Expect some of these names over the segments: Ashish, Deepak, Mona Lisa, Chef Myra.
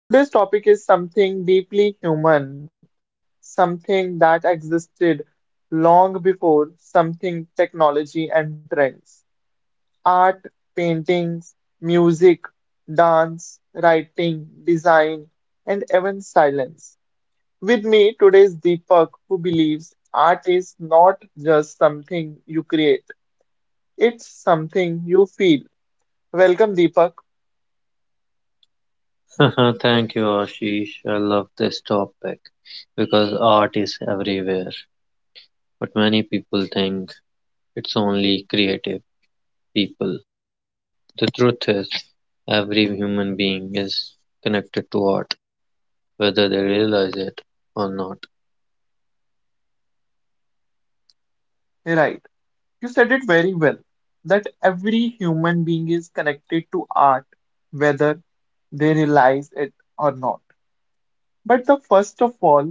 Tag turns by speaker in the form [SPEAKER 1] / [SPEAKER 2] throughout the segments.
[SPEAKER 1] Today's topic is something deeply human, something that existed long before something technology and trends. Art, paintings, music, dance, writing, design, and even silence. With me today is Deepak, who believes art is not just something you create, it's something you feel. Welcome, Deepak.
[SPEAKER 2] Thank you, Ashish. I love this topic because art is everywhere, but many people think it's only creative people. The truth is, every human being is connected to art, whether they realize it or not.
[SPEAKER 1] Right. You said it very well that every human being is connected to art, whether they realize it or not. But the first all,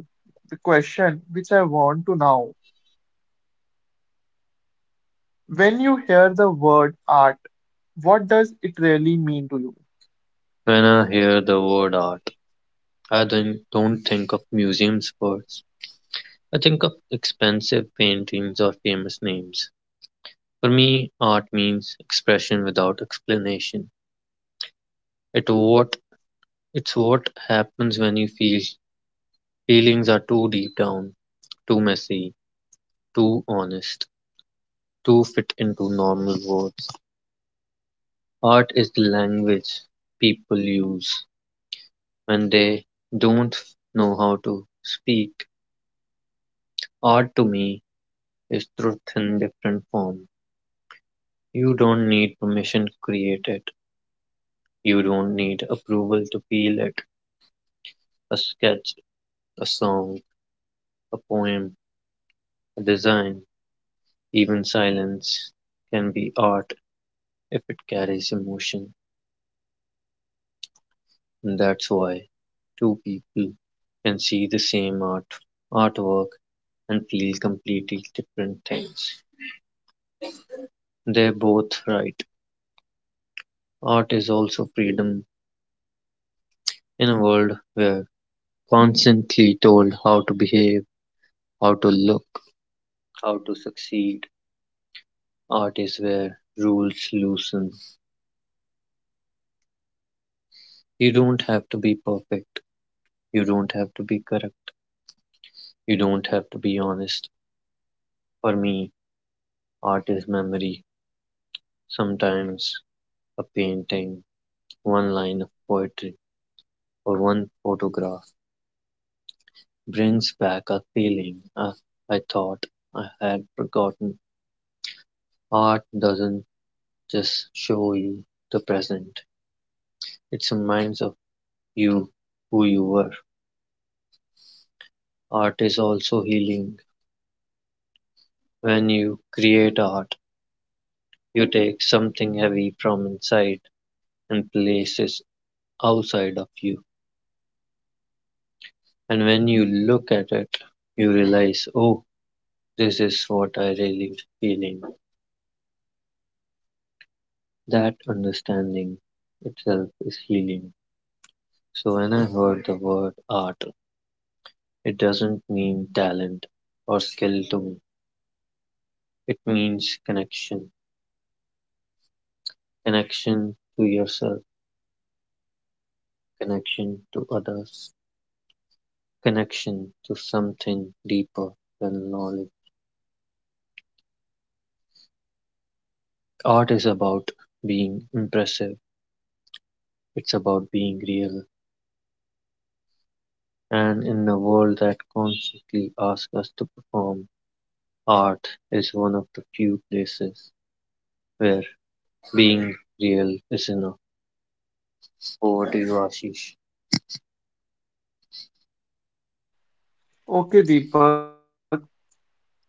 [SPEAKER 1] the question which I want to know when you hear the word art, what does it really mean to you?
[SPEAKER 2] When I hear the word art, I don't think of museums first. I think of expensive paintings or famous names. For me, art means expression without explanation. It what It's what happens when you feel feelings are too deep down, too messy, too honest, too fit into normal words. Art is the language people use when they don't f- know how to speak. Art to me is truth in different form. You don't need permission to create it. You don't need approval to feel it. A sketch, a song, a poem, a design, even silence can be art if it carries emotion. And that's why two people can see the same artwork and feel completely different things. They're both right. Art is also freedom in a world where constantly told how to behave, how to look, how to succeed. Art is where rules loosen. You don't have to be perfect. You don't have to be correct. You don't have to be honest. For me, art is memory. Sometimes a painting, one line of poetry, or one photograph brings back a feeling I thought I had forgotten. Art doesn't just show you the present, it reminds of you who you were. Art is also healing. When you create art, you take something heavy from inside and place it outside of you. And when you look at it, you realize, oh, this is what I really feeling. That understanding itself is healing. So when I heard the word art, it doesn't mean talent or skill to me. It means connection. Connection to yourself, connection to others, connection to something deeper than knowledge. Art is about being impressive. It's about being real. And in a world that constantly asks us to perform, art is one of the few places where being real is enough. Over to you, Ashish.
[SPEAKER 1] Okay, Deepak,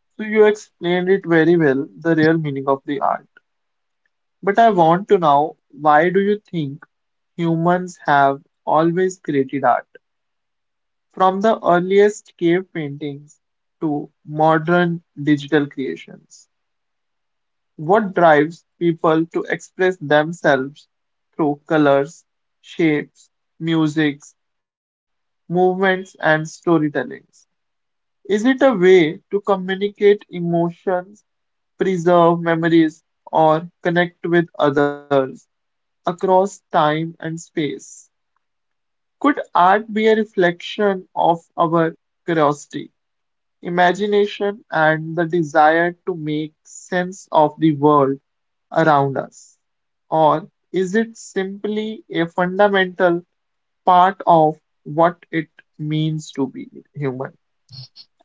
[SPEAKER 1] so you explained it very well, the real meaning of the art. But I want to know why do you think humans have always created art? From the earliest cave paintings to modern digital creations, what drives people to express themselves through colors, shapes, musics, movements, and storytellings? Is it a way to communicate emotions, preserve memories, or connect with others across time and space? Could art be a reflection of our curiosity, imagination and the desire to make sense of the world around us? Or is it simply a fundamental part of what it means to be human?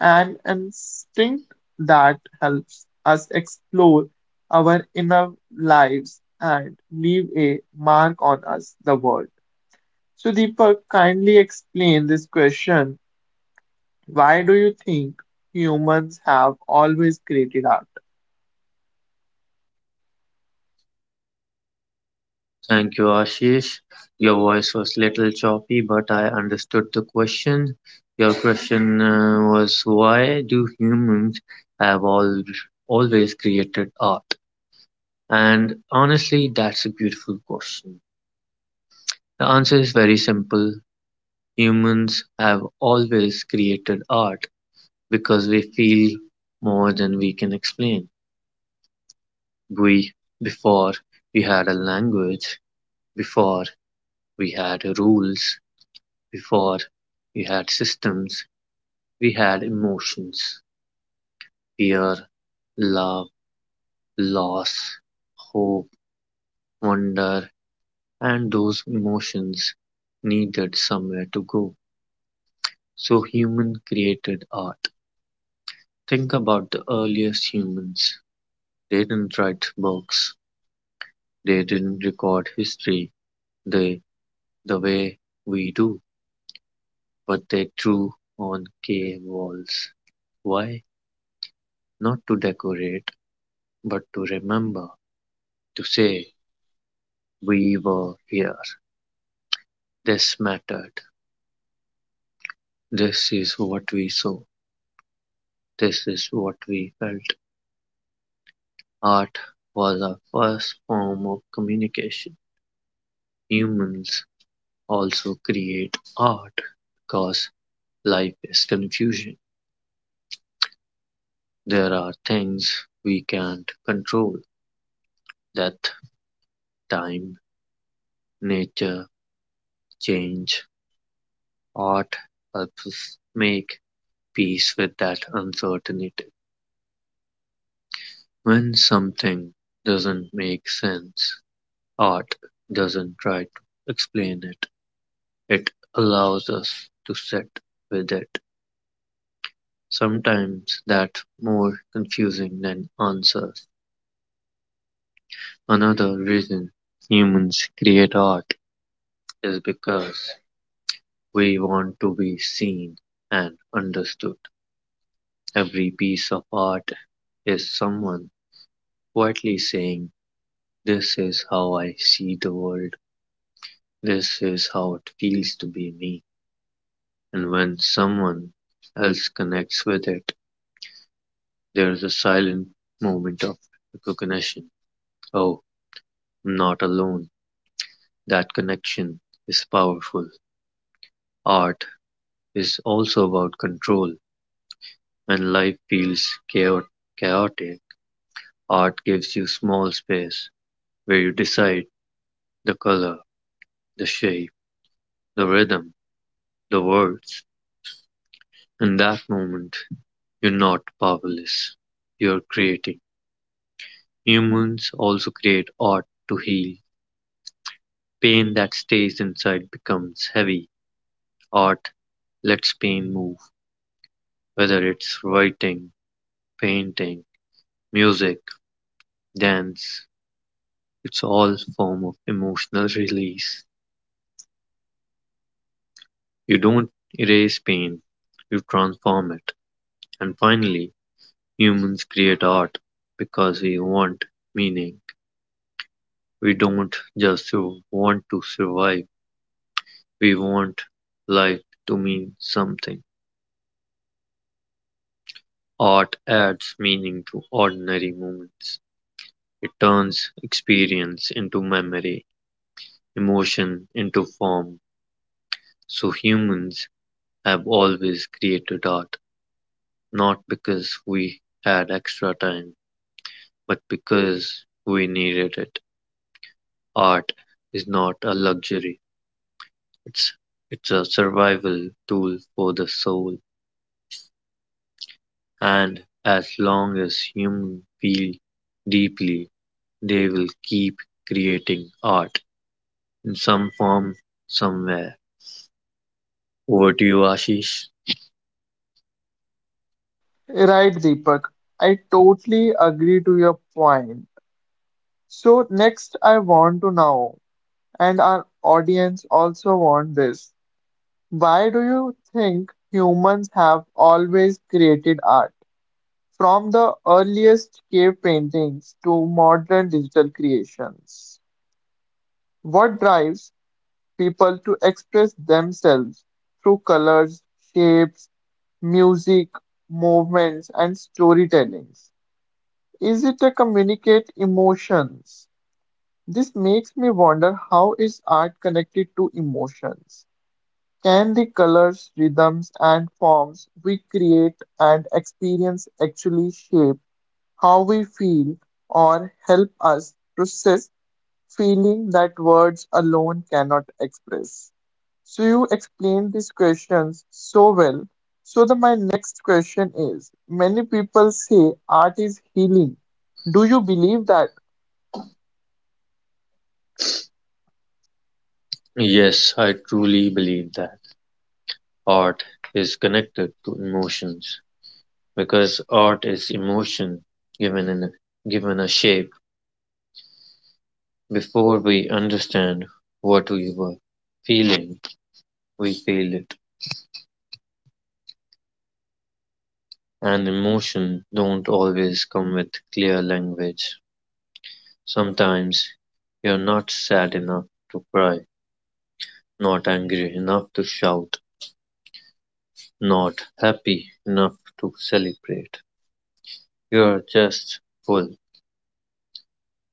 [SPEAKER 1] An instinct that helps us explore our inner lives and leave a mark on us, the world. So, Deepak, kindly explain this question, why do you think humans have always created art?
[SPEAKER 2] Thank you, Ashish. Your voice was little choppy, but I understood the question. Your question was why do humans have all always created art? And honestly, that's a beautiful question. The answer is very simple. Humans have always created art because we feel more than we can explain. We before we had a language, before we had rules, before we had systems, we had emotions: fear, love, loss, hope, wonder, and those emotions needed somewhere to go. So human created art. Think about the earliest humans. They didn't write books. They didn't record history. They the way we do, but they drew on cave walls. Why? Not to decorate, but to remember, to say, we were here, this mattered, this is what we saw, this is what we felt. Art was our first form of communication. Humans also create art because life is confusion. There are things we can't control death, time, nature, change. Art helps us make peace with that uncertainty. When something doesn't make sense, art doesn't try to explain it, it allows us to sit with it. Sometimes that's more confusing than answers. Another reason humans create art is because we want to be seen and understood. Every piece of art is someone quietly saying, this is how I see the world. This is how it feels to be me, and when someone else connects with it, there's a silent moment of recognition. Oh, I'm not alone. That connection is powerful. Art is also about control. When life feels chaotic, art gives you small space where you decide the color, the shape, the rhythm, the words. In that moment, you're not powerless. You're creating. Humans also create art to heal. Pain that stays inside becomes heavy. Art lets pain move, whether it's writing, painting, music, dance. It's all form of emotional release. You don't erase pain, you transform it. And finally, humans create art because we want meaning. We don't just want to survive. We want life to mean something. Art adds meaning to ordinary moments. It turns experience into memory, emotion into form. So humans have always created art, not because we had extra time, but because we needed it. Art is not a luxury. It's it's a survival tool for the soul, and as long as humans feel deeply, they will keep creating art in some form somewhere. Over to you, Ashish.
[SPEAKER 1] Right, Deepak. I totally agree to your point. So next I want to know, and our audience also want this. Why do you think humans have always created art? From the earliest cave paintings to modern digital creations. What drives people to express themselves through colors, shapes, music, movements, and storytellings. Is it a communicate emotions? This makes me wonder, how is art connected to emotions? Can the colors, rhythms, and forms we create and experience actually shape how we feel or help us process feeling that words alone cannot express? So you explained these questions so well. So my next question is, many people say art is healing. Do you believe that?
[SPEAKER 2] Yes, I truly believe that art is connected to emotions because art is emotion given in given a shape. Before we understand what we were feeling, we feel it. And emotion don't always come with clear language. Sometimes you're not sad enough to cry, not angry enough to shout, not happy enough to celebrate, you're just full.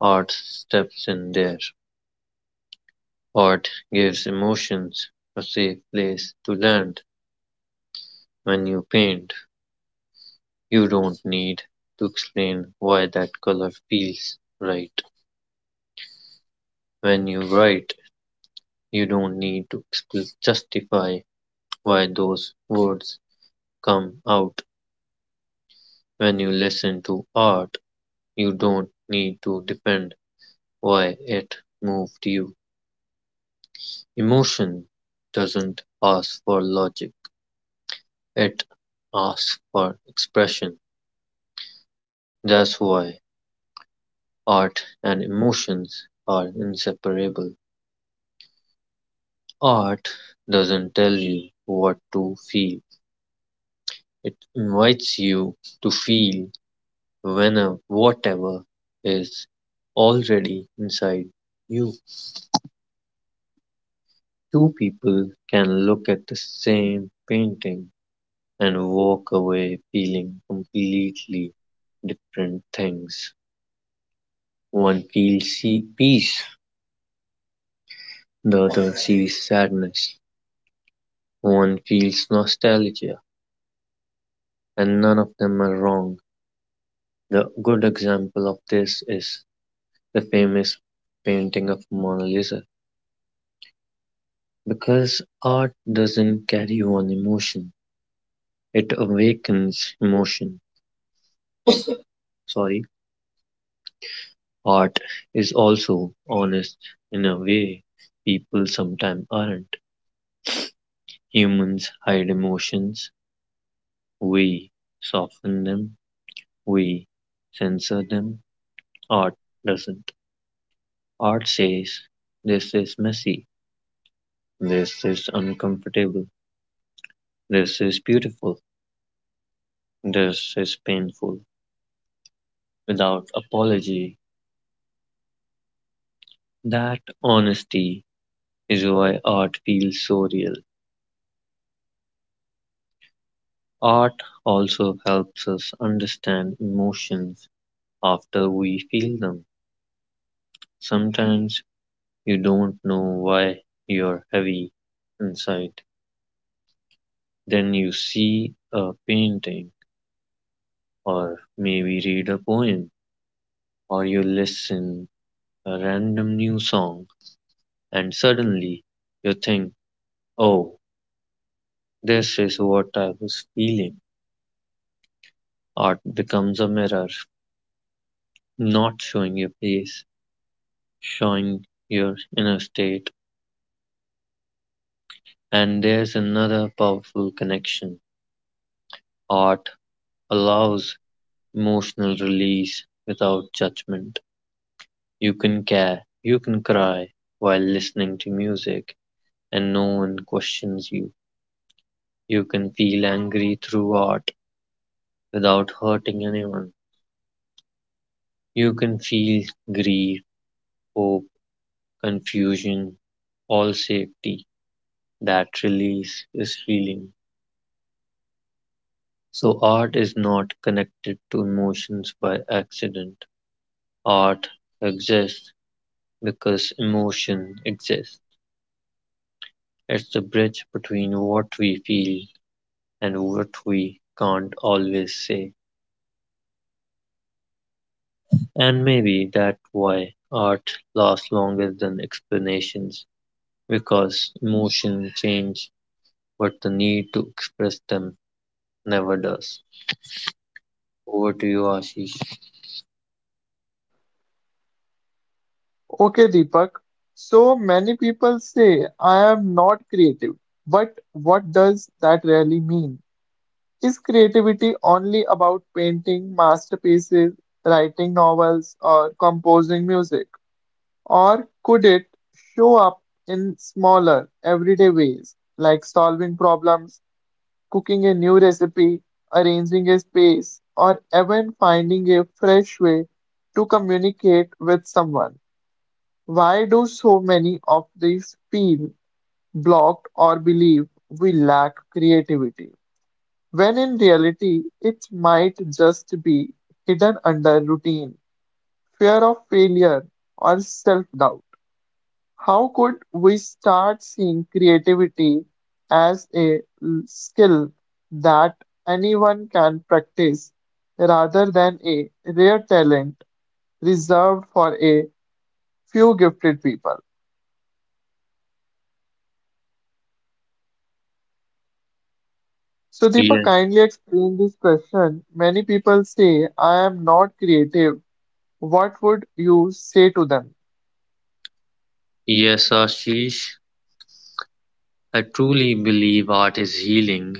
[SPEAKER 2] Art steps in there. Art gives emotions a safe place to land. When you paint, you don't need to explain why that color feels right. When you write, you don't need to justify why those words come out. When you listen to art, you don't need to defend why it moved you. Emotion doesn't ask for logic, it asks for expression. That's why art and emotions are inseparable. Art doesn't tell you what to feel, it invites you to feel whenever whatever is already inside you. Two people can look at the same painting and walk away feeling completely different things. One feels peace, the other sees sadness. One feels nostalgia, and none of them are wrong. The good example of this is the famous painting of Mona Lisa. Because art doesn't carry one emotion, it awakens emotion. Sorry, art is also honest in a way people sometimes aren't. Humans hide emotions, we soften them, we censor them. Art doesn't. Art says, this is messy, this is uncomfortable, this is beautiful, this is painful, without apology. That honesty is why art feels so real. Art also helps us understand emotions after we feel them. Sometimes you don't know why you're heavy inside. Then you see a painting, or maybe read a poem, or you listen a random new song, and suddenly you think, oh, this is what I was feeling. Art becomes a mirror, not showing your face, showing your inner state. And there's another powerful connection. Art allows emotional release without judgment. You can care, you can cry while listening to music and no one questions you. You can feel angry through art without hurting anyone. You can feel grief, hope, confusion, all safety. That release is healing. So, art is not connected to emotions by accident. Art exists because emotion exists. It's the bridge between what we feel and what we can't always say. And maybe that's why art lasts longer than explanations, because emotions change, but the need to express them never does. Over to you, Ashish.
[SPEAKER 1] Okay, Deepak. So many people say I am not creative. But what does that really mean? Is creativity only about painting masterpieces, writing novels, or composing music? Or could it show up in smaller, everyday ways, like solving problems, cooking a new recipe, arranging a space, or even finding a fresh way to communicate with someone? Why do so many of these feel blocked or believe we lack creativity, when in reality, it might just be hidden under routine, fear of failure, or self doubt? How could we start seeing creativity as a skill that anyone can practice rather than a rare talent reserved for a few gifted people? So, Deepa,
[SPEAKER 2] Yes,
[SPEAKER 1] kindly explain this question. Many people say, I am not creative. What would you say to them?
[SPEAKER 2] yes, Ashish. I truly believe art is healing,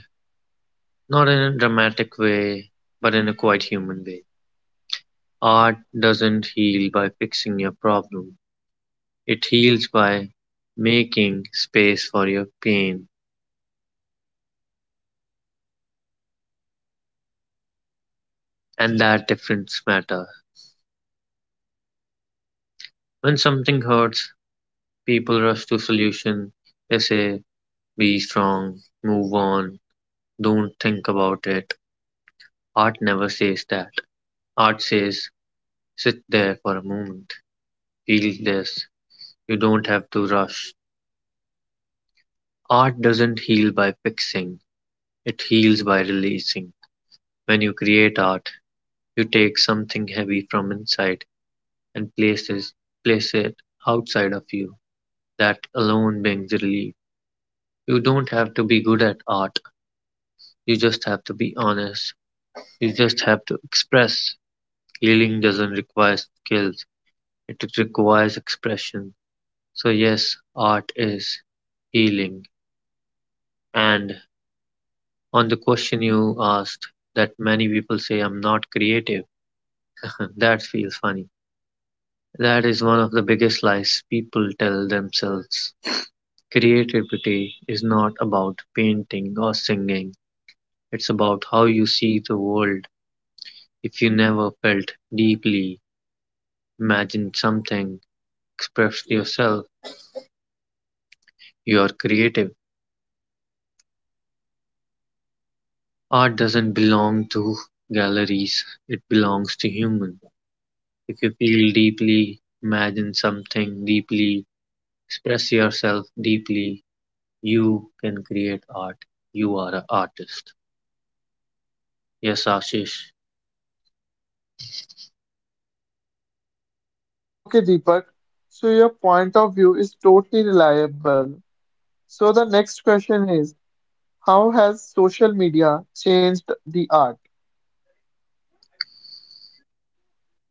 [SPEAKER 2] not in a dramatic way, but in a quite human way. Art doesn't heal by fixing your problem, it heals by making space for your pain, and that difference matter. When something hurts, people rush to solution. They say, "Be strong, move on, don't think about it." Art never says that. Art says, "Sit there for a moment, feel this. You don't have to rush." Art doesn't heal by fixing; it heals by releasing. When you create art, you take something heavy from inside and place it outside of you. That alone brings relief. You don't have to be good at art. You just have to be honest. You just have to express. Healing doesn't require skills, it requires expression. So, yes, art is healing. And on the question you asked, that many people say, I'm not creative, that feels funny. That is one of the biggest lies people tell themselves. Creativity is not about painting or singing, it's about how you see the world. If you never felt deeply, imagined something, expressed yourself, you're creative. Art doesn't belong to galleries, it belongs to human. If you feel deeply, imagine something deeply, express yourself deeply, you can create art. You are an artist. Yes, Ashish.
[SPEAKER 1] Okay, Deepak. So, your point of view is totally reliable. So, the next question is, how has social media changed the art?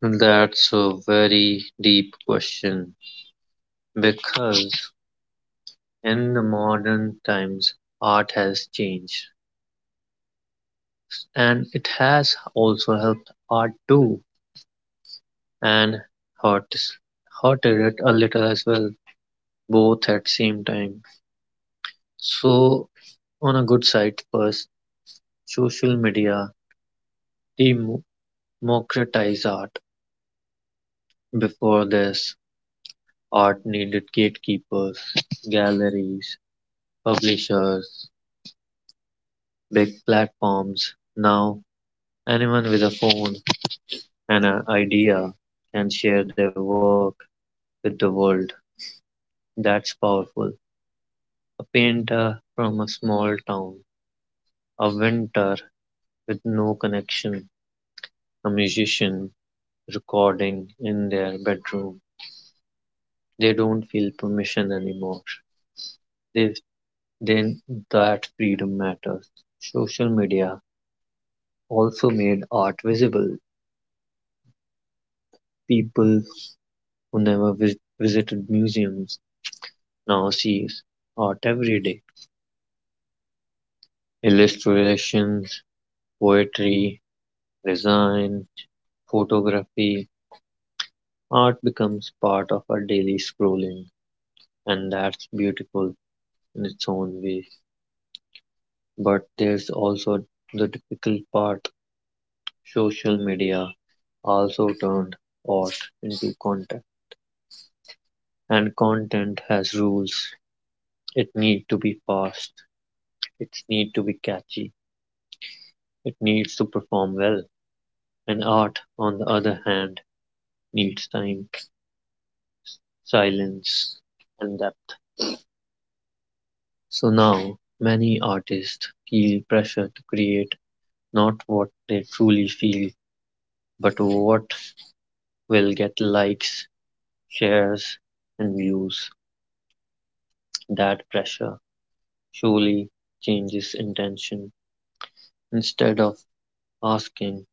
[SPEAKER 2] That's a very deep question because in the modern times art has changed and it has also helped art too and hurt hurted it a little as well, both at same time. So, on a good side first, social media democratized art. Before this, art needed gatekeepers, galleries, publishers, big platforms. Now anyone with a phone and an idea can share their work with the world. That's powerful. A painter from a small town, a winter with no connection, a musician recording in their bedroom. They don't feel permission anymore. They, then that freedom matters. Social media also made art visible. People who never visited museums now see art every day. Illustrations, poetry, design, photography, art becomes part of our daily scrolling, and that's beautiful in its own way. But there's also the difficult part. Social media also turned art into content, and content has rules. It need to be fast. It need to be catchy. It needs to perform well. And art, on the other hand, needs time, silence, and depth. So now many artists feel pressure to create not what they truly feel, but what will get likes, shares, and views. That pressure slowly changes intention. Instead of asking,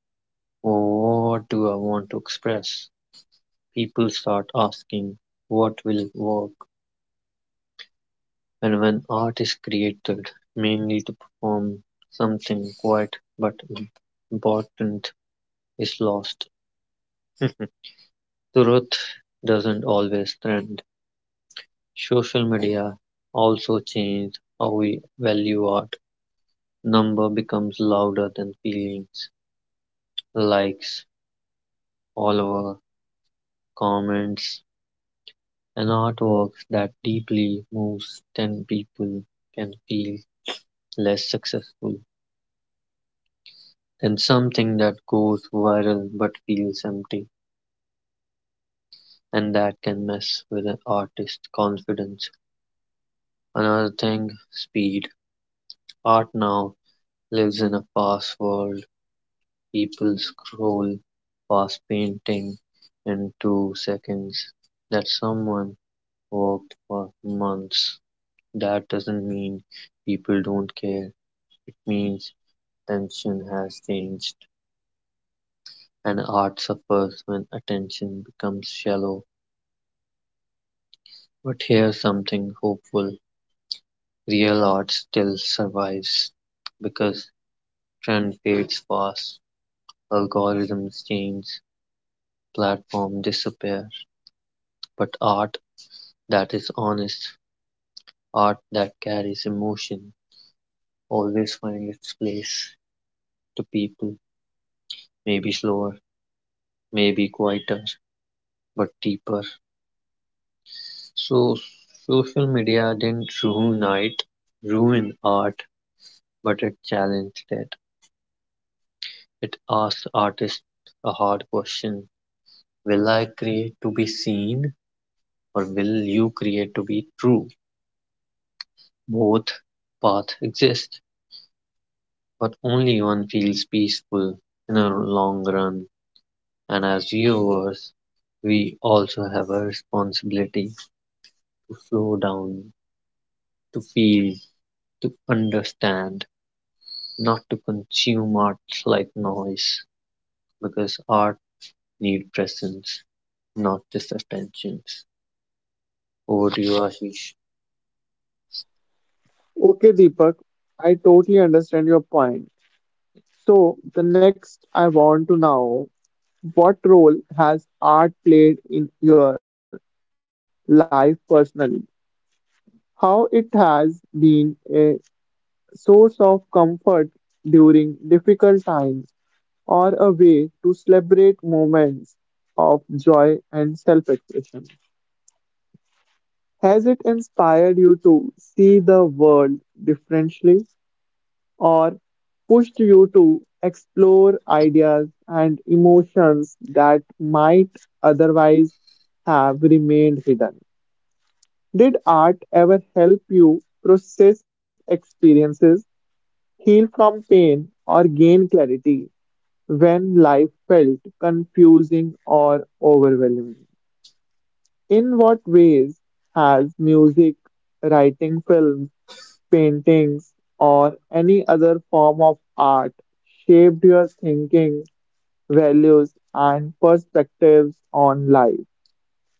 [SPEAKER 2] "Oh, what do I want to express?" people start asking, "What will work?" And when art is created, mainly to perform something quiet but important, is lost. Truth doesn't always trend. Social media also changed how we value art. Number becomes louder than feelings. Likes, followers, comments, and artworks that deeply moves 10 people can feel less successful than something that goes viral but feels empty, and that can mess with an artist's confidence. Another thing, speed. Art now lives in a fast world. People scroll past painting in 2 seconds that someone worked for months. That doesn't mean people don't care. It means attention has changed, and art suffers when attention becomes shallow. But here's something hopeful. Real art still survives because trend fades fast, algorithms change, platforms disappear, but art that is honest, art that carries emotion always finds its place. The people, maybe slower, maybe quieter, but deeper. So social media didn't ruin art, but it challenged it. It asked artists a hard question. Will I create to be seen, or will you create to be true? Both paths exist, but only one feels peaceful in the long run. And as viewers, we also have a responsibility to slow down, to feel, to understand, not to consume art like noise, because art needs presence, not just attentions. Over to you, Ashish.
[SPEAKER 1] Okay, Deepak, I totally understand your point. So, the next I want to know, what role has art played in your life personally? How it has been a source of comfort during difficult times or a way to celebrate moments of joy and self expression? Has it inspired you to see the world differently, or pushed you to explore ideas and emotions that might otherwise have remained hidden? Did art ever help you process experiences, heal from pain, or gain clarity when life felt confusing or overwhelming? In what ways has music, writing films, paintings, or any other form of art shaped your thinking, values, and perspectives on life?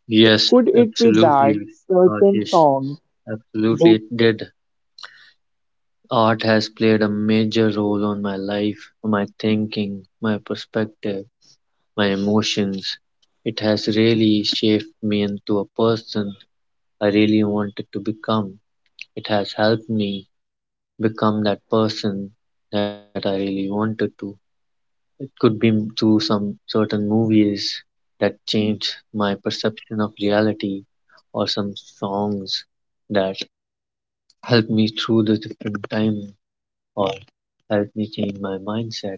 [SPEAKER 2] Yes,
[SPEAKER 1] Could it be that
[SPEAKER 2] absolutely,
[SPEAKER 1] certain
[SPEAKER 2] Ashish.
[SPEAKER 1] songs,
[SPEAKER 2] Absolutely,
[SPEAKER 1] books,
[SPEAKER 2] it did. Art has played a major role on my life, my thinking, my perspective, my emotions. It has really shaped me into a person I really wanted to become. It has helped me become that person that I really wanted to. It could be through some certain movies that changed my perception of reality, or some songs that helped me through the different time, or helped me change my mindset,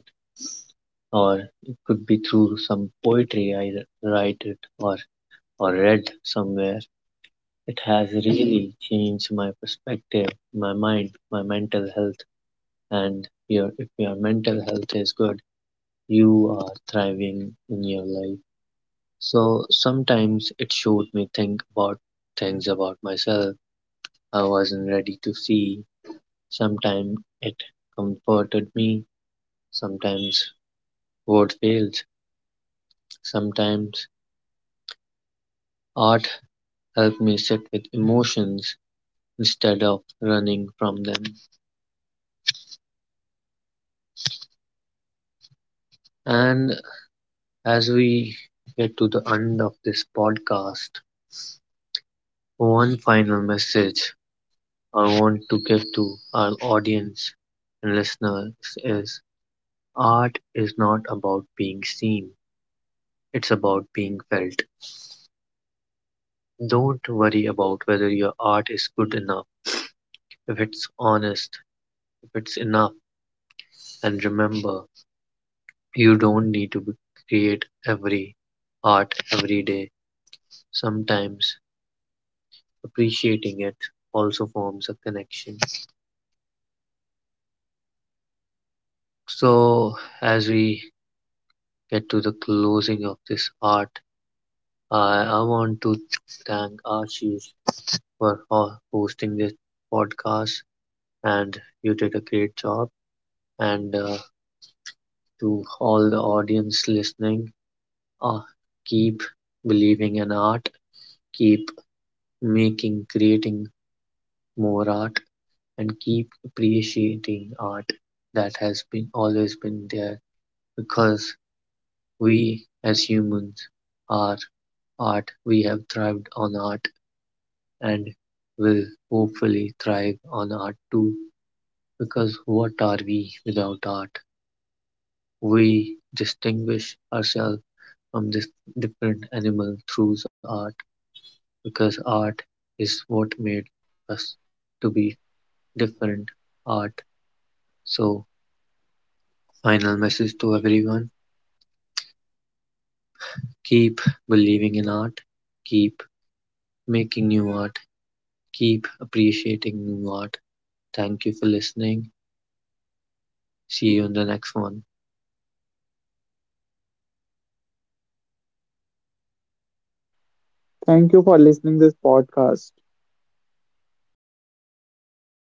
[SPEAKER 2] or it could be through some poetry I write it or read somewhere. It has really changed my perspective, my mind, my mental health. And your if your mental health is good, you are thriving in your life. So sometimes it showed me think about things about myself I wasn't ready to see. Sometimes it comforted me. Sometimes word fails. Sometimes art helped me sit with emotions instead of running from them. And as we get to the end of this podcast, one final message I want to give to our audience and listeners is, art is not about being seen, it's about being felt. Don't worry about whether your art is good enough, if it's honest,
[SPEAKER 1] right, Deepak?
[SPEAKER 2] if it's
[SPEAKER 1] You
[SPEAKER 2] enough.
[SPEAKER 1] give a very brilliant
[SPEAKER 2] And
[SPEAKER 1] message to our
[SPEAKER 2] remember,
[SPEAKER 1] audience.
[SPEAKER 2] you
[SPEAKER 1] So
[SPEAKER 2] don't need
[SPEAKER 1] I
[SPEAKER 2] to
[SPEAKER 1] really
[SPEAKER 2] create
[SPEAKER 1] thank you
[SPEAKER 2] every
[SPEAKER 1] from our heart
[SPEAKER 2] art every day.
[SPEAKER 1] for sharing such
[SPEAKER 2] Sometimes
[SPEAKER 1] thoughtful insights.
[SPEAKER 2] appreciating it
[SPEAKER 1] I
[SPEAKER 2] also
[SPEAKER 1] really
[SPEAKER 2] forms a
[SPEAKER 1] enjoy
[SPEAKER 2] connection.
[SPEAKER 1] this podcast and hope our audience enjoy this.
[SPEAKER 2] So, as we
[SPEAKER 1] So
[SPEAKER 2] get to the closing of this art,
[SPEAKER 1] for
[SPEAKER 2] I,
[SPEAKER 1] sharing
[SPEAKER 2] I
[SPEAKER 1] such
[SPEAKER 2] want to
[SPEAKER 1] thoughtful
[SPEAKER 2] thank
[SPEAKER 1] insights.
[SPEAKER 2] Archie
[SPEAKER 1] Art
[SPEAKER 2] for
[SPEAKER 1] truly connects
[SPEAKER 2] hosting
[SPEAKER 1] us
[SPEAKER 2] this
[SPEAKER 1] beyond words.
[SPEAKER 2] podcast, and
[SPEAKER 1] Thank
[SPEAKER 2] you
[SPEAKER 1] you
[SPEAKER 2] did
[SPEAKER 1] to
[SPEAKER 2] a great job.
[SPEAKER 1] everyone listening to the
[SPEAKER 2] And
[SPEAKER 1] podcast.
[SPEAKER 2] to all the audience listening, uh, keep believing in art, keep making, creating more art, and keep appreciating art that has been always been there, because we as humans are art. We have thrived on art and will hopefully thrive on art too. Because what are we without art? We distinguish ourselves from this different animal through art, because art is what made us to be different art. So, final message to everyone, keep believing in art, keep making new art, keep appreciating new art. Thank you for listening. See you in the next one.
[SPEAKER 1] Thank you for listening this podcast.